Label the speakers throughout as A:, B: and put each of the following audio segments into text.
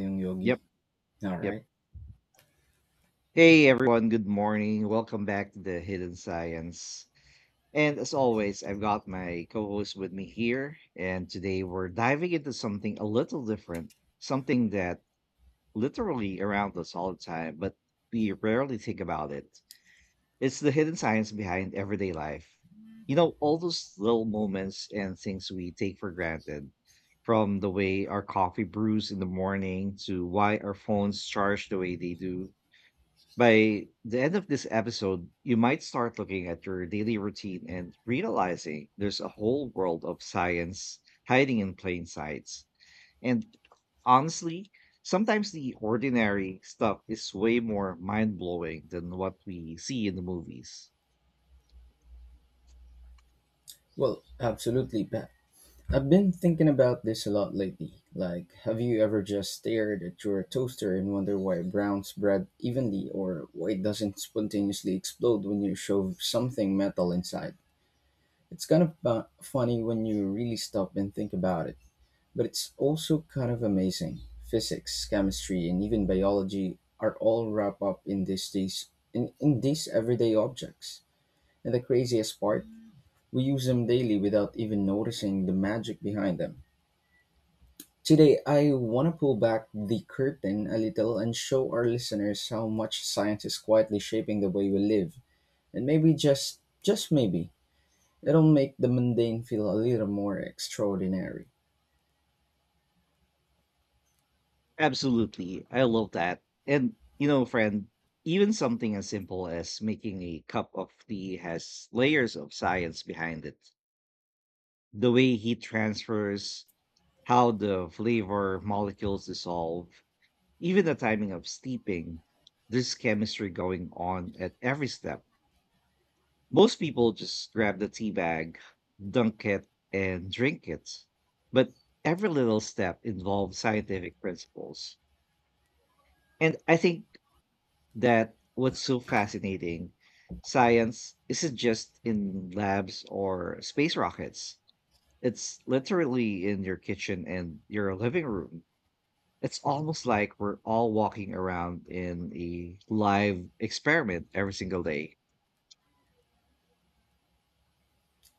A: Young
B: Yep,
A: Yogi. All
B: yep.
A: right.
B: Hey everyone, good morning. Welcome back to the Hidden Science. And as always, I've got my co host with me here. And today we're diving into something a little different, something that literally around us all the time, but we rarely think about it. It's the hidden science behind everyday life. You know, all those little moments and things we take for granted, from the way our coffee brews in the morning to why our phones charge the way they do. By the end of this episode, you might start looking at your daily routine and realizing there's a whole world of science hiding in plain sight. And honestly, sometimes the ordinary stuff is way more mind blowing than what we see in the movies.
A: Well, absolutely, Pat. I've been thinking about this a lot lately. Like, have you ever just stared at your toaster and wonder why it browns bread evenly or why it doesn't spontaneously explode when you shove something metal inside? It's kind of funny when you really stop and think about it, but it's also kind of amazing. Physics, chemistry, and even biology are all wrapped up in these everyday objects. And the craziest part, we use them daily without even noticing the magic behind them. Today, I want to pull back the curtain a little and show our listeners how much science is quietly shaping the way we live. And maybe just maybe, it'll make the mundane feel a little more extraordinary.
B: Absolutely. I love that. And, you know, friend, even something as simple as making a cup of tea has layers of science behind it. The way heat transfers, how the flavor molecules dissolve, even the timing of steeping. There's chemistry going on at every step. Most people just grab the tea bag, dunk it, and drink it. But every little step involves scientific principles. And I think that what's so fascinating, science isn't just in labs or space rockets. It's literally in your kitchen and your living room. It's almost like we're all walking around in a live experiment every single day.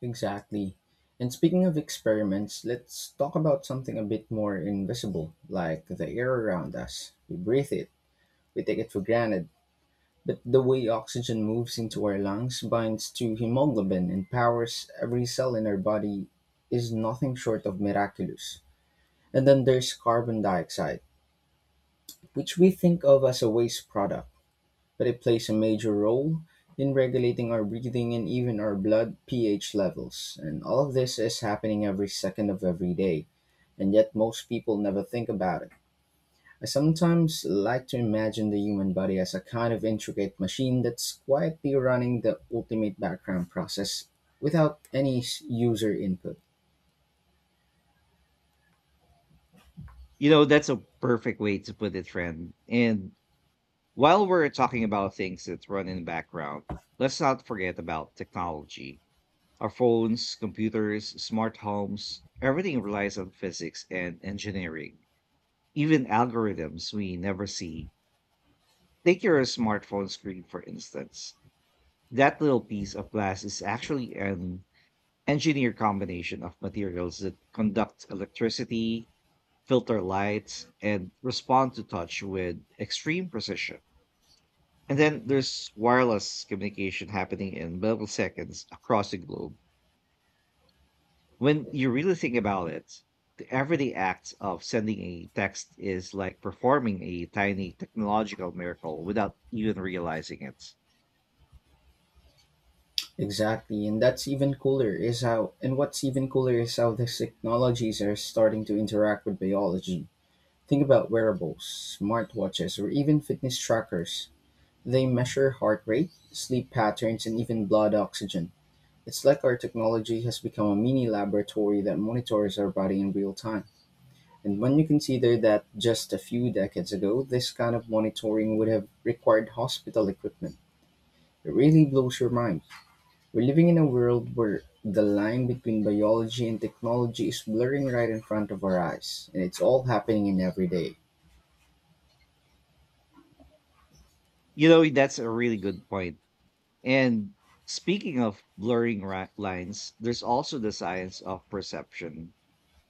A: Exactly. And speaking of experiments, let's talk about something a bit more invisible, like the air around us. We breathe it, we take it for granted, but the way oxygen moves into our lungs, binds to hemoglobin, and powers every cell in our body is nothing short of miraculous. And then there's carbon dioxide, which we think of as a waste product, but it plays a major role in regulating our breathing and even our blood pH levels. And all of this is happening every second of every day, and yet most people never think about it. I sometimes like to imagine the human body as a kind of intricate machine that's quietly running the ultimate background process without any user input.
B: You know, that's a perfect way to put it, friend. And while we're talking about things that run in the background, let's not forget about technology. Our phones, computers, smart homes, everything relies on physics and engineering, even algorithms we never see. Take your smartphone screen, for instance. That little piece of glass is actually an engineered combination of materials that conduct electricity, filter lights, and respond to touch with extreme precision. And then there's wireless communication happening in milliseconds across the globe. When you really think about it, the everyday act of sending a text is like performing a tiny technological miracle without even realizing it.
A: Exactly, and that's even cooler is how and what's even cooler is how these technologies are starting to interact with biology. Think about wearables, smartwatches, or even fitness trackers. They measure heart rate, sleep patterns, and even blood oxygen. It's like our technology has become a mini laboratory that monitors our body in real time. And when you consider that just a few decades ago, this kind of monitoring would have required hospital equipment, it really blows your mind. We're living in a world where the line between biology and technology is blurring right in front of our eyes, and it's all happening in every day.
B: You know, that's a really good point. And speaking of blurring lines, there's also the science of perception.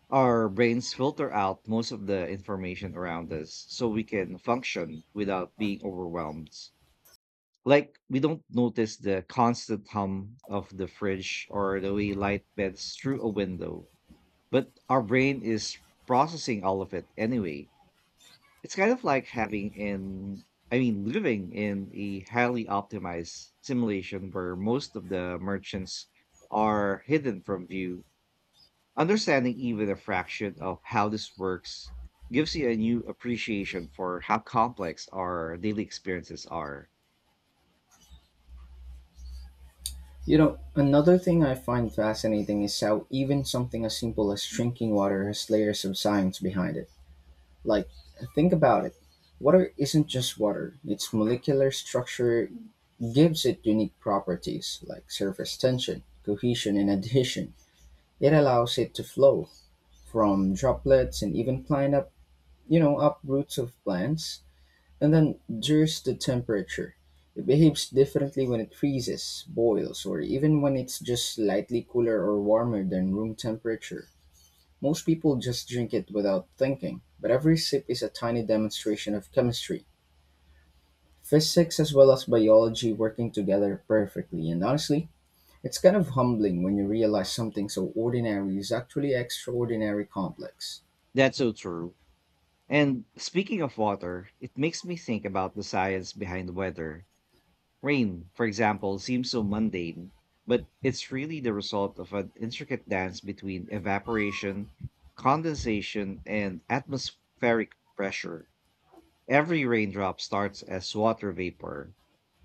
B: Our brains filter out most of the information around us so we can function without being overwhelmed. Like, we don't notice the constant hum of the fridge or the way light bends through a window, but our brain is processing all of it anyway. It's kind of like having in I mean, living in a highly optimized simulation where most of the merchants are hidden from view. Understanding even a fraction of how this works gives you a new appreciation for how complex our daily experiences are.
A: You know, another thing I find fascinating is how even something as simple as drinking water has layers of science behind it. Like, think about it. Water isn't just water. Its molecular structure gives it unique properties like surface tension, cohesion, and adhesion. It allows it to flow from droplets and even climb up, you know, up roots of plants. And then there's the temperature. It behaves differently when it freezes, boils, or even when it's just slightly cooler or warmer than room temperature. Most people just drink it without thinking, but every sip is a tiny demonstration of chemistry, physics as well as biology working together perfectly. And honestly, it's kind of humbling when you realize something so ordinary is actually extraordinary complex.
B: That's so true. And speaking of water, it makes me think about the science behind the weather. Rain, for example, seems so mundane, but it's really the result of an intricate dance between evaporation, condensation, and atmospheric pressure. Every raindrop starts as water vapor,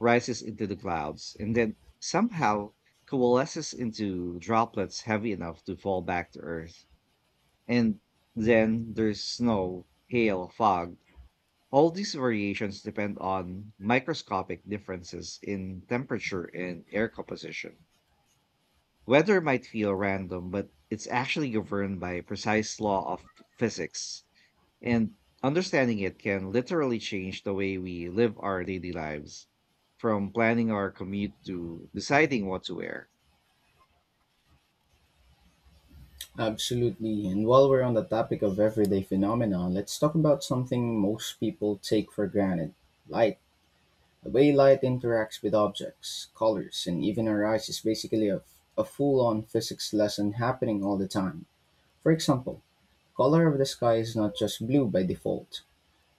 B: rises into the clouds, and then somehow coalesces into droplets heavy enough to fall back to Earth. And then there's snow, hail, fog, all these variations depend on microscopic differences in temperature and air composition. Weather might feel random, but it's actually governed by precise law of physics, and understanding it can literally change the way we live our daily lives, from planning our commute to deciding what to wear.
A: Absolutely. And while we're on the topic of everyday phenomena, let's talk about something most people take for granted: light. The way light interacts with objects, colors, and even our eyes is basically a full on physics lesson happening all the time. For example, color of the sky is not just blue by default.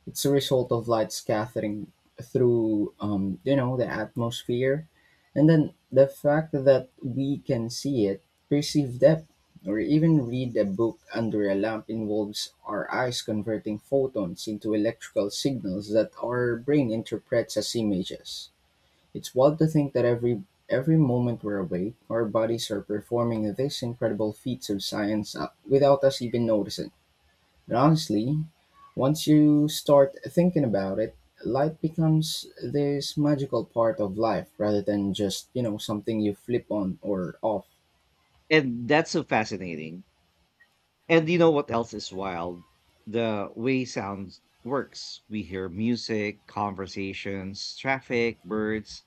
A: It's a result of light scattering through, you know, the atmosphere, and then the fact that we can see it, perceive depth, or even read a book under a lamp involves our eyes converting photons into electrical signals that our brain interprets as images. It's wild to think that every moment we're awake, our bodies are performing these incredible feats of science without us even noticing. But honestly, once you start thinking about it, light becomes this magical part of life rather than just, you know, something you flip on or off.
B: And that's so fascinating. And you know what else is wild? The way sound works. We hear music, conversations, traffic, birds,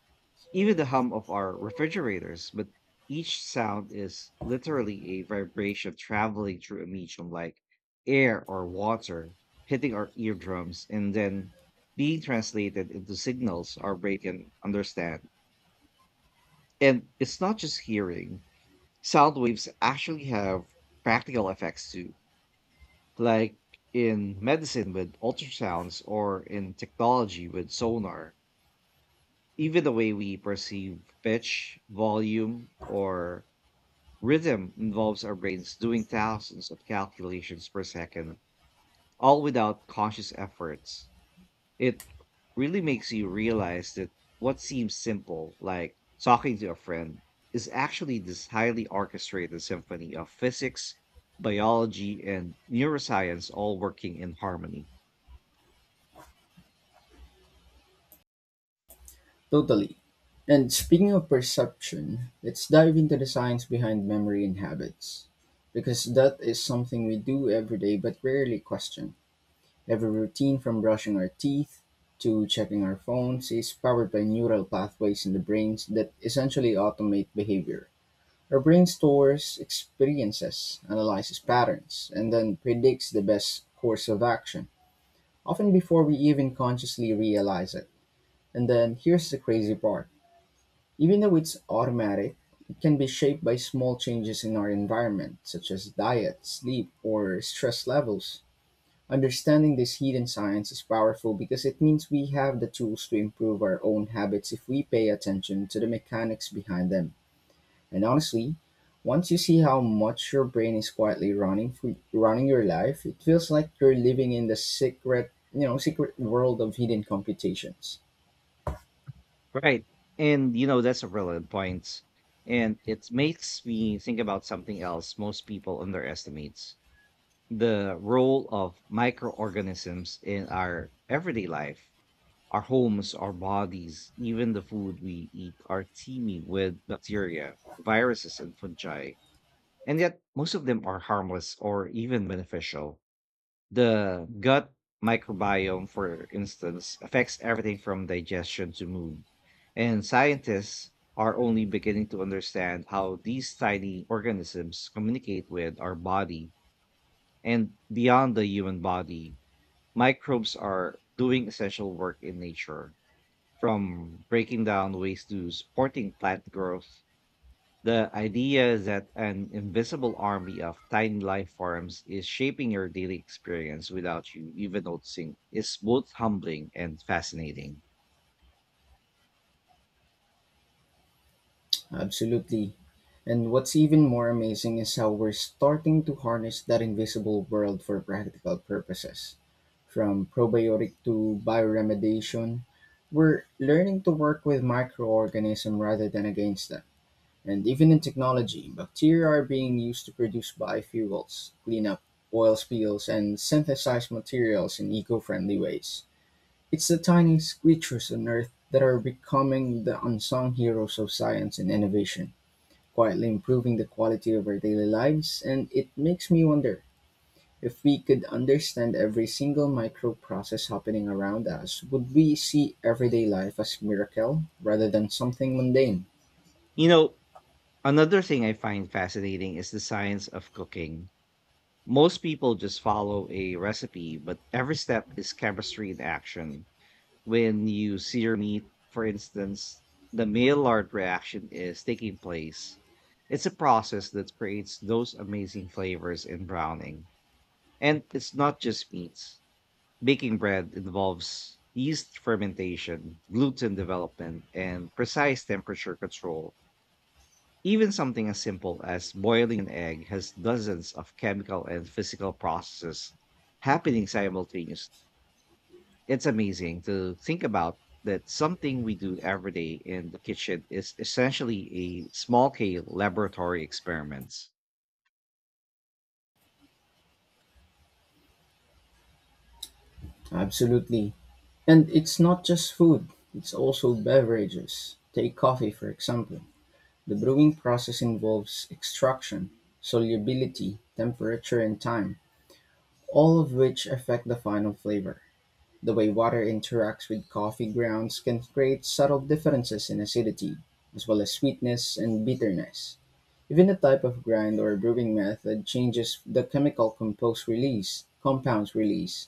B: even the hum of our refrigerators. But each sound is literally a vibration traveling through a medium like air or water, hitting our eardrums and then being translated into signals our brain can understand. And it's not just hearing, sound waves actually have practical effects too, like in medicine with ultrasounds or in technology with sonar. Even the way we perceive pitch, volume, or rhythm involves our brains doing thousands of calculations per second, all without conscious efforts. It really makes you realize that what seems simple, like talking to a friend, is actually this highly orchestrated symphony of physics, biology, and neuroscience all working in harmony.
A: Totally. And speaking of perception, let's dive into the science behind memory and habits, because that is something we do every day but rarely question. Every routine, from brushing our teeth to checking our phones, is powered by neural pathways in the brains that essentially automate behavior. Our brain stores experiences, analyzes patterns, and then predicts the best course of action, often before we even consciously realize it. And then here's the crazy part. Even though it's automatic, it can be shaped by small changes in our environment, such as diet, sleep, or stress levels. Understanding this hidden science is powerful because it means we have the tools to improve our own habits if we pay attention to the mechanics behind them. And honestly, once you see how much your brain is quietly running your life, it feels like you're living in the secret, you know, secret world of hidden computations.
B: Right. And you know, that's a relevant point. And it makes me think about something else most people underestimate, the role of microorganisms in our everyday life. Our homes, our bodies, even the food we eat are teeming with bacteria, viruses, and fungi. And yet, most of them are harmless or even beneficial. The gut microbiome, for instance, affects everything from digestion to mood. And scientists are only beginning to understand how these tiny organisms communicate with our body. And beyond the human body, microbes are doing essential work in nature, from breaking down waste to supporting plant growth. The idea that an invisible army of tiny life forms is shaping your daily experience without you even noticing is both humbling and fascinating.
A: Absolutely. And what's even more amazing is how we're starting to harness that invisible world for practical purposes. From probiotic to bioremediation, we're learning to work with microorganisms rather than against them. And even in technology, bacteria are being used to produce biofuels, clean up oil spills, and synthesize materials in eco friendly ways. It's the tiniest creatures on Earth that are becoming the unsung heroes of science and innovation, quietly improving the quality of our daily lives, and it makes me wonder, if we could understand every single micro process happening around us, would we see everyday life as miracle rather than something mundane?
B: You know, another thing I find fascinating is the science of cooking. Most people just follow a recipe, but every step is chemistry in action. When you sear meat, for instance, the Maillard reaction is taking place. It's a process that creates those amazing flavors in browning. And it's not just meats. Baking bread involves yeast fermentation, gluten development, and precise temperature control. Even something as simple as boiling an egg has dozens of chemical and physical processes happening simultaneously. It's amazing to think about that something we do every day in the kitchen is essentially a small scale laboratory experiment.
A: Absolutely. And it's not just food, it's also beverages. Take coffee, for example. The brewing process involves extraction, solubility, temperature, and time, all of which affect the final flavor. The way water interacts with coffee grounds can create subtle differences in acidity, as well as sweetness and bitterness. Even the type of grind or brewing method changes the compounds release.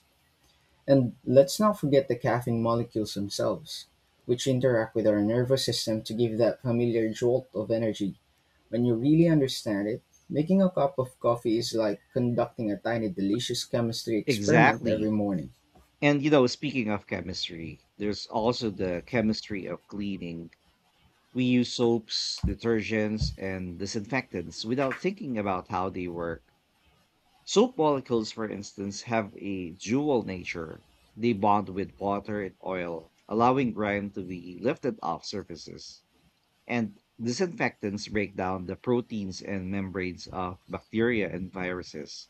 A: And let's not forget the caffeine molecules themselves, which interact with our nervous system to give that familiar jolt of energy. When you really understand it, making a cup of coffee is like conducting a tiny delicious chemistry experiment every
B: Exactly.
A: morning.
B: And you know, speaking of chemistry, there's also the chemistry of cleaning. We use soaps, detergents, and disinfectants without thinking about how they work. Soap molecules, for instance, have a dual nature. They bond with water and oil, allowing grime to be lifted off surfaces. And disinfectants break down the proteins and membranes of bacteria and viruses,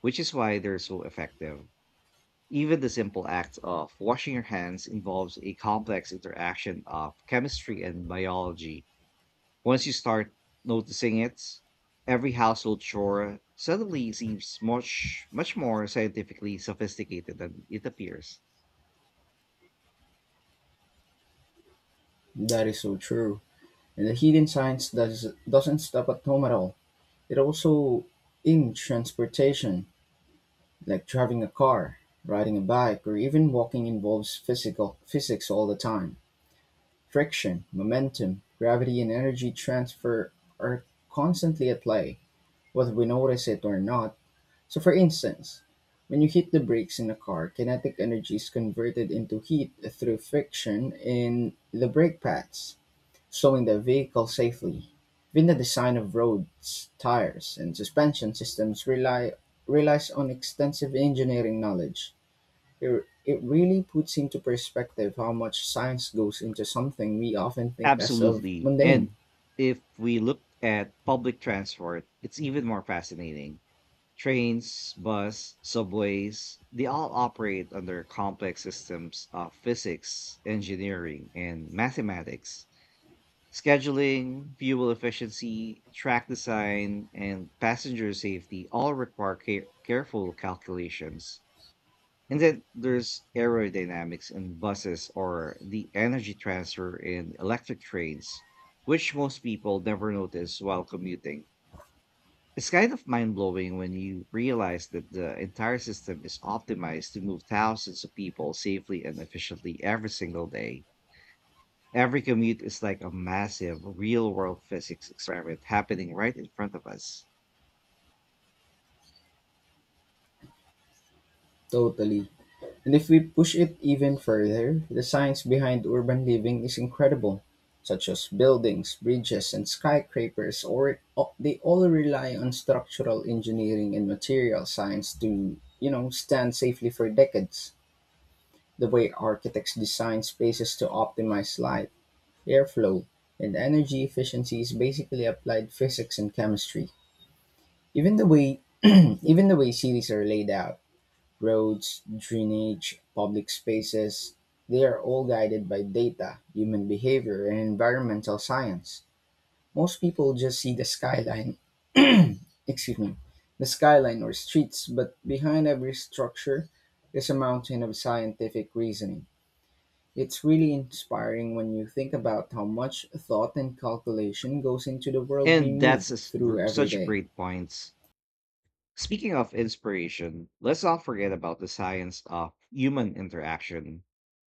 B: which is why they're so effective. Even the simple act of washing your hands involves a complex interaction of chemistry and biology. Once you start noticing it, every household chore suddenly seems much, much more scientifically sophisticated than it appears.
A: That is so true. And the hidden science doesn't stop at home at all. It also in transportation, like driving a car, riding a bike, or even walking involves physical physics all the time. Friction, momentum, gravity, and energy transfer are constantly at play, whether we notice it or not. So, for instance, when you hit the brakes in a car, kinetic energy is converted into heat through friction in the brake pads, slowing the vehicle safely. Even the design of roads, tires, and suspension systems rely relies on extensive engineering knowledge. It really puts into perspective how much science goes into something we often think as of
B: Absolutely.
A: mundane.
B: And if we look at public transport, it's even more fascinating. Trains, bus, subways, they all operate under complex systems of physics, engineering, and mathematics. Scheduling, fuel efficiency, track design, and passenger safety all require careful calculations. And then there's aerodynamics in buses or the energy transfer in electric trains, which most people never notice while commuting. It's kind of mind blowing when you realize that the entire system is optimized to move thousands of people safely and efficiently every single day. Every commute is like a massive real world physics experiment happening right in front of us.
A: Totally. And if we push it even further, the science behind urban living is incredible, such as buildings, bridges, and skyscrapers, they all rely on structural engineering and material science to, you know, stand safely for decades. The way architects design spaces to optimize light, airflow, and energy efficiency is basically applied physics and chemistry. Even the way even the way cities are laid out. Roads, drainage, public spaces, they are all guided by data, human behavior, and environmental science. Most people just see excuse me, the skyline or streets, but behind every structure is a mountain of scientific reasoning. It's really inspiring when you think about how much thought and calculation goes into the world we
B: And that's a
A: move
B: s-
A: through
B: gr-
A: every
B: such a
A: day.
B: great point. Speaking of inspiration, let's not forget about the science of human interaction.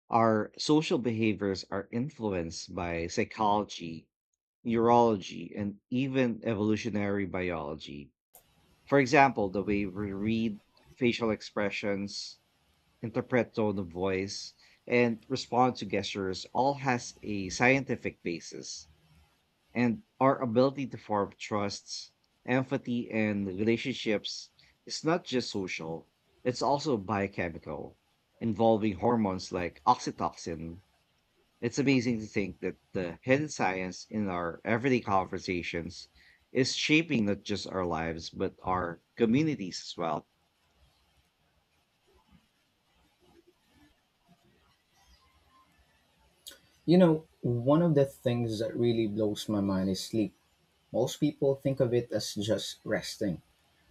B: Our social behaviors are influenced by psychology, urology, and even evolutionary biology. For example, the way we read facial expressions, interpret tone of voice, and respond to gestures all has a scientific basis. And our ability to form trusts, empathy, and relationships is not just social, it's also biochemical, involving hormones like oxytocin. It's amazing to think that the hidden science in our everyday conversations is shaping not just our lives, but our communities as well.
A: You know, one of the things that really blows my mind is sleep. Most people think of it as just resting,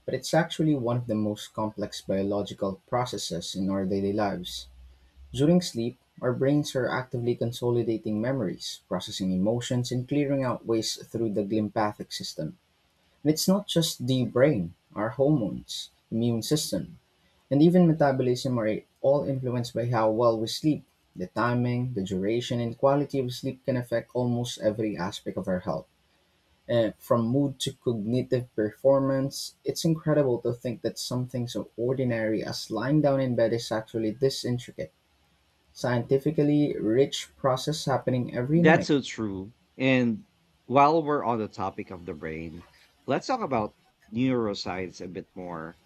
A: but it's actually one of the most complex biological processes in our daily lives. During sleep, our brains are actively consolidating memories, processing emotions, and clearing out waste through the glympathic system. And it's not just the brain, our hormones, immune system, and even metabolism are all influenced by how well we sleep. The timing, the duration, and quality of sleep can affect almost every aspect of our health, from mood to cognitive performance. It's incredible to think that something so ordinary as lying down in bed is actually this intricate, scientifically rich process happening every
B: That's
A: night.
B: so true. And while we're on the topic of the brain, let's talk about neuroscience a bit more.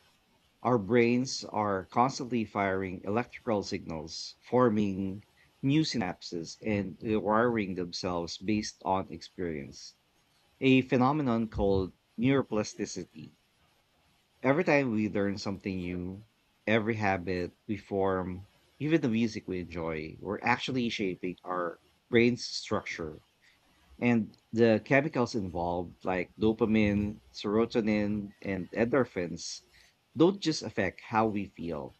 B: Our brains are constantly firing electrical signals, forming new synapses and rewiring themselves based on experience, a phenomenon called neuroplasticity. Every time we learn something new, every habit we form, even the music we enjoy, we're actually shaping our brain's structure. And the chemicals involved, like dopamine, serotonin, and endorphins, don't just affect how we feel.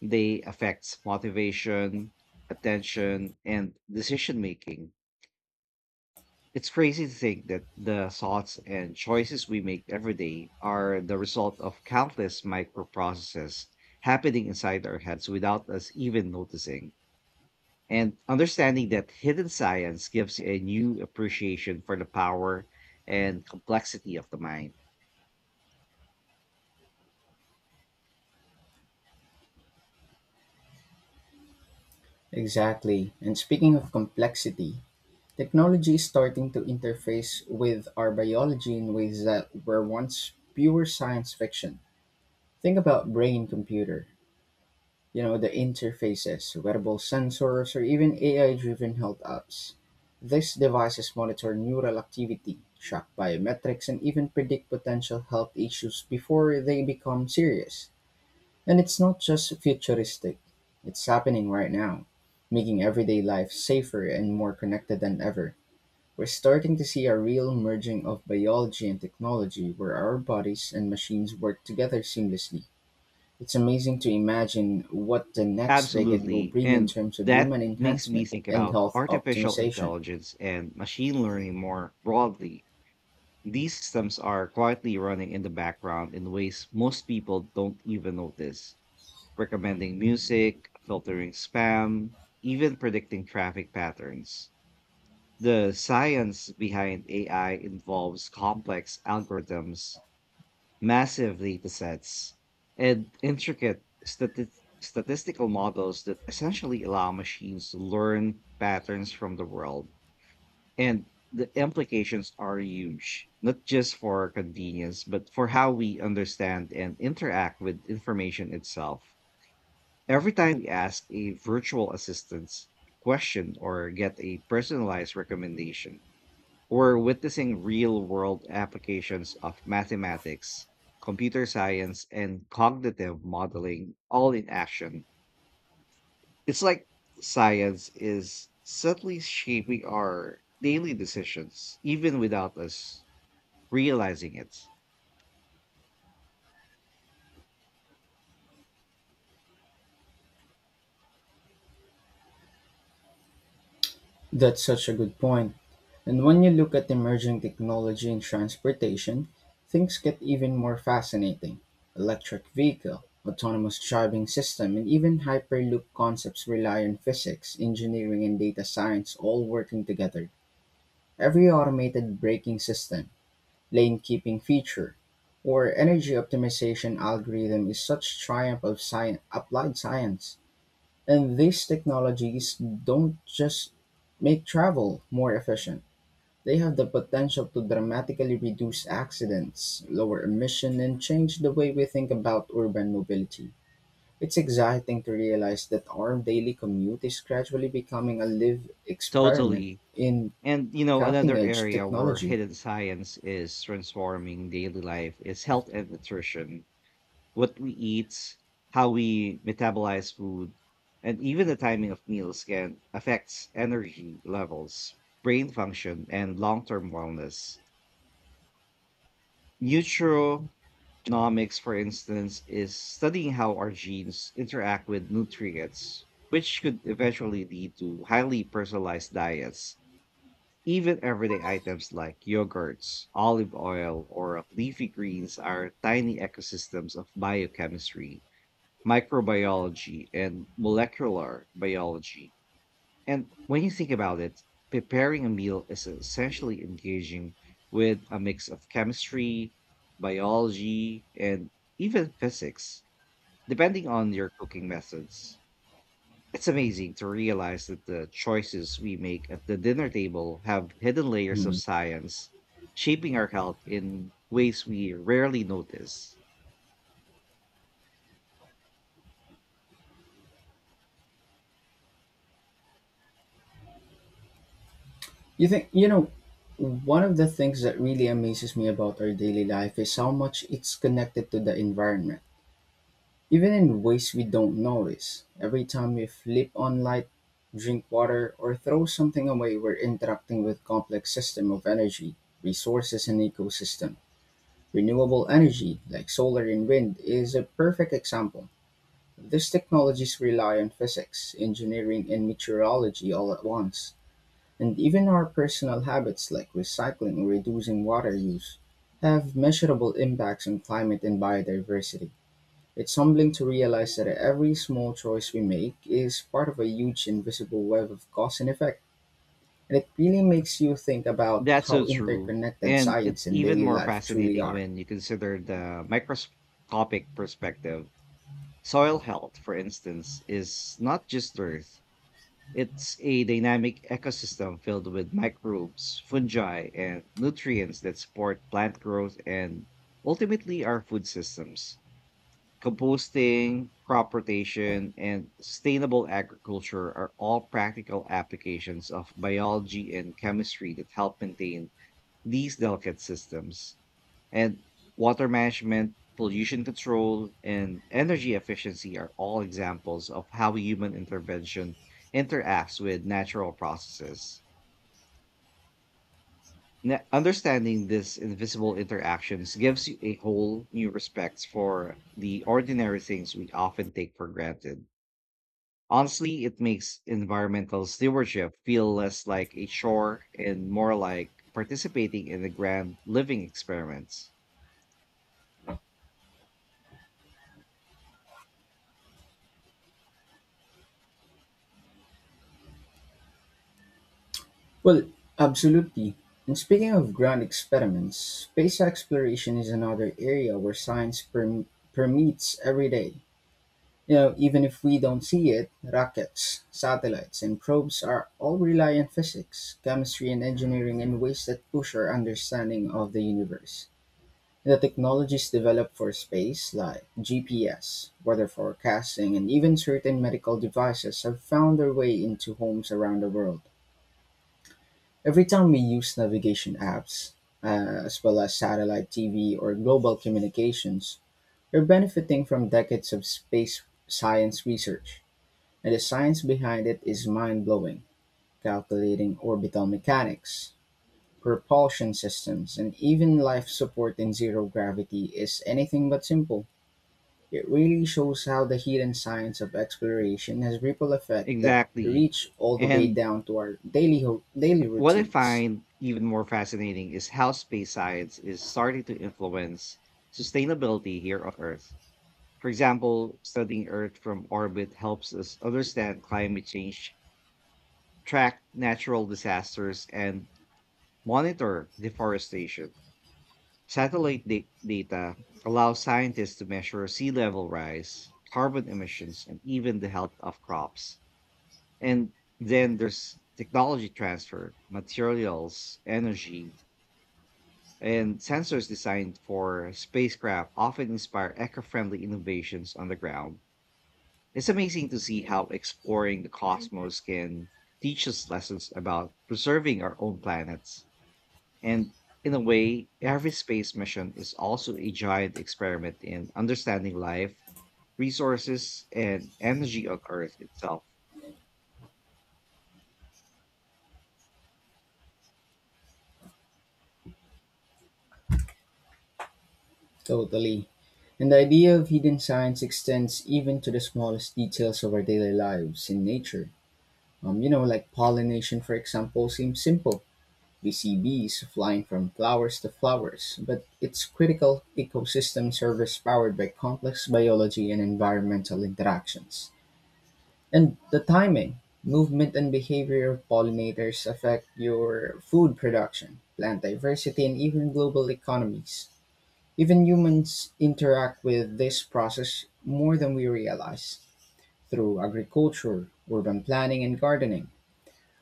B: They affect motivation, attention, and decision making. It's crazy to think that the thoughts and choices we make every day are the result of countless microprocesses happening inside our heads without us even noticing. And understanding that hidden science gives a new appreciation for the power and complexity of the mind.
A: Exactly. And speaking of complexity, technology is starting to interface with our biology in ways that were once pure science fiction. Think about brain computer you know the interfaces, wearable sensors, or even AI-driven health apps. These devices monitor neural activity, track biometrics, and even predict potential health issues before they become serious. And it's not just futuristic; it's happening right now, making everyday life safer and more connected than ever. We're starting to see a real merging of biology and technology where our bodies and machines work together seamlessly. It's amazing to imagine what the next decade will
B: Absolutely.
A: bring in
B: And
A: terms of
B: that
A: human
B: makes me
A: enhancement
B: think
A: and
B: about
A: health
B: artificial
A: optimization.
B: intelligence and machine learning more broadly. These systems are quietly running in the background in ways most people don't even notice, recommending music, filtering spam, even predicting traffic patterns. The science behind AI involves complex algorithms, massive data sets, and intricate statistical models that essentially allow machines to learn patterns from the world. And the implications are huge, not just for convenience, but for how we understand and interact with information itself. Every time we ask a virtual assistant question or get a personalized recommendation, we're witnessing real world applications of mathematics, computer science, and cognitive modeling all in action. It's like science is subtly shaping our daily decisions, even without us realizing it.
A: That's such a good point. And when you look at emerging technology in transportation, things get even more fascinating. Electric vehicle, autonomous driving system, and even hyperloop concepts rely on physics, engineering, and data science all working together. Every automated braking system, lane-keeping feature, or energy optimization algorithm is such triumph of science, applied science. And these technologies don't just make travel more efficient. They have the potential to dramatically reduce accidents, lower emission, and change the way we think about urban mobility. It's exciting to realize that our daily commute is gradually becoming a live experiment
B: Totally.
A: in
B: And, you know,
A: cutting
B: another
A: edge
B: area where
A: technology.
B: hidden science is transforming daily life is health and nutrition. What we eat, how we metabolize food, and even the timing of meals can affect energy levels, brain function, and long term wellness. Neutral Genomics, for instance, is studying how our genes interact with nutrients, which could eventually lead to highly personalized diets. Even everyday items like yogurts, olive oil, or leafy greens are tiny ecosystems of biochemistry, microbiology, and molecular biology. And when you think about it, preparing a meal is essentially engaging with a mix of chemistry, biology, and even physics, depending on your cooking methods. It's amazing to realize that the choices we make at the dinner table have hidden layers of
A: Hmm.
B: science shaping our health in ways we rarely notice.
A: You think you know, one of the things that really amazes me about our daily life is how much it's connected to the environment, even in ways we don't notice. Every time we flip on light, drink water, or throw something away, we're interacting with complex system of energy, resources, and ecosystem. Renewable energy, like solar and wind, is a perfect example. These technologies rely on physics, engineering, and meteorology all at once, and even our personal habits like recycling or reducing water use have measurable impacts on climate and biodiversity. It's humbling to realize that every small choice we make is part of a huge invisible web of cause and effect. And it really makes you think about
B: That's so
A: how
B: true.
A: interconnected
B: And
A: science
B: it's
A: and
B: even
A: daily
B: more
A: life truly
B: fascinating
A: are.
B: when you consider the microscopic perspective. Soil health, for instance, is not just earth. It's a dynamic ecosystem filled with microbes, fungi, and nutrients that support plant growth and ultimately our food systems. Composting, crop rotation, and sustainable agriculture are all practical applications of biology and chemistry that help maintain these delicate systems. And water management, pollution control, and energy efficiency are all examples of how human intervention interacts with natural processes. Understanding these invisible interactions gives you a whole new respect for the ordinary things we often take for granted. Honestly, it makes environmental stewardship feel less like a chore and more like participating in the grand living experiments.
A: Well, absolutely. And speaking of grand experiments, space exploration is another area where science permeates every day. You know, even if we don't see it, rockets, satellites, and probes are all rely on physics, chemistry, and engineering in ways that push our understanding of the universe. The technologies developed for space, like GPS, weather forecasting, and even certain medical devices, have found their way into homes around the world. Every time we use navigation apps, as well as satellite TV or global communications, we're benefiting from decades of space science research. And the science behind it is mind-blowing, calculating orbital mechanics, propulsion systems, and even life support in zero gravity is anything but simple. It really shows how the hidden science of exploration has ripple effect that
B: Exactly.
A: reach all the way
B: And
A: down to our daily
B: what I
A: routines.
B: find even more fascinating is how space science is starting to influence sustainability here on Earth. For example, studying Earth from orbit helps us understand climate change, track natural disasters, and monitor deforestation. Satellite data allows scientists to measure sea level rise, carbon emissions, and even the health of crops. And then there's technology transfer, materials, energy, and sensors designed for spacecraft often inspire eco-friendly innovations on the ground. It's amazing to see how exploring the cosmos can teach us lessons about preserving our own planets. And in a way, every space mission is also a giant experiment in understanding life, resources, and energy on Earth itself.
A: Totally. And the idea of hidden science extends even to the smallest details of our daily lives in nature. You know, like pollination, for example, seems simple. You see bees flying from flowers to flowers, but it's critical ecosystem service powered by complex biology and environmental interactions. And the timing, movement, and behavior of pollinators affect your food production, plant diversity, and even global economies. Even humans interact with this process more than we realize, through agriculture, urban planning, and gardening.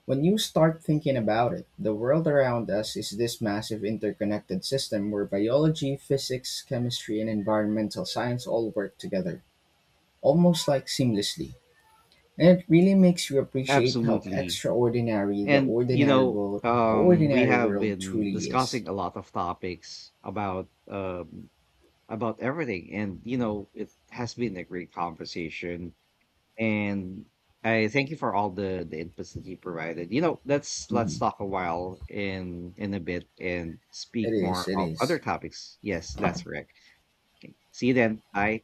A: When you start thinking about it, the world around us is this massive interconnected system where biology, physics, chemistry, and environmental science all work together, almost like seamlessly. And it really makes you appreciate how
B: Absolutely.
A: extraordinary
B: And you know,
A: the
B: we
A: ordinary
B: have
A: world
B: been
A: truly is.
B: discussing a lot of topics about everything. And, you know, it has been a great conversation. And I thank you for all the inputs that you provided. You know, let's
A: Mhm.
B: talk a while in a bit and
A: It
B: speak
A: is,
B: more
A: it
B: of
A: is.
B: other topics. Yes, that's correct. Okay. See you then. Bye.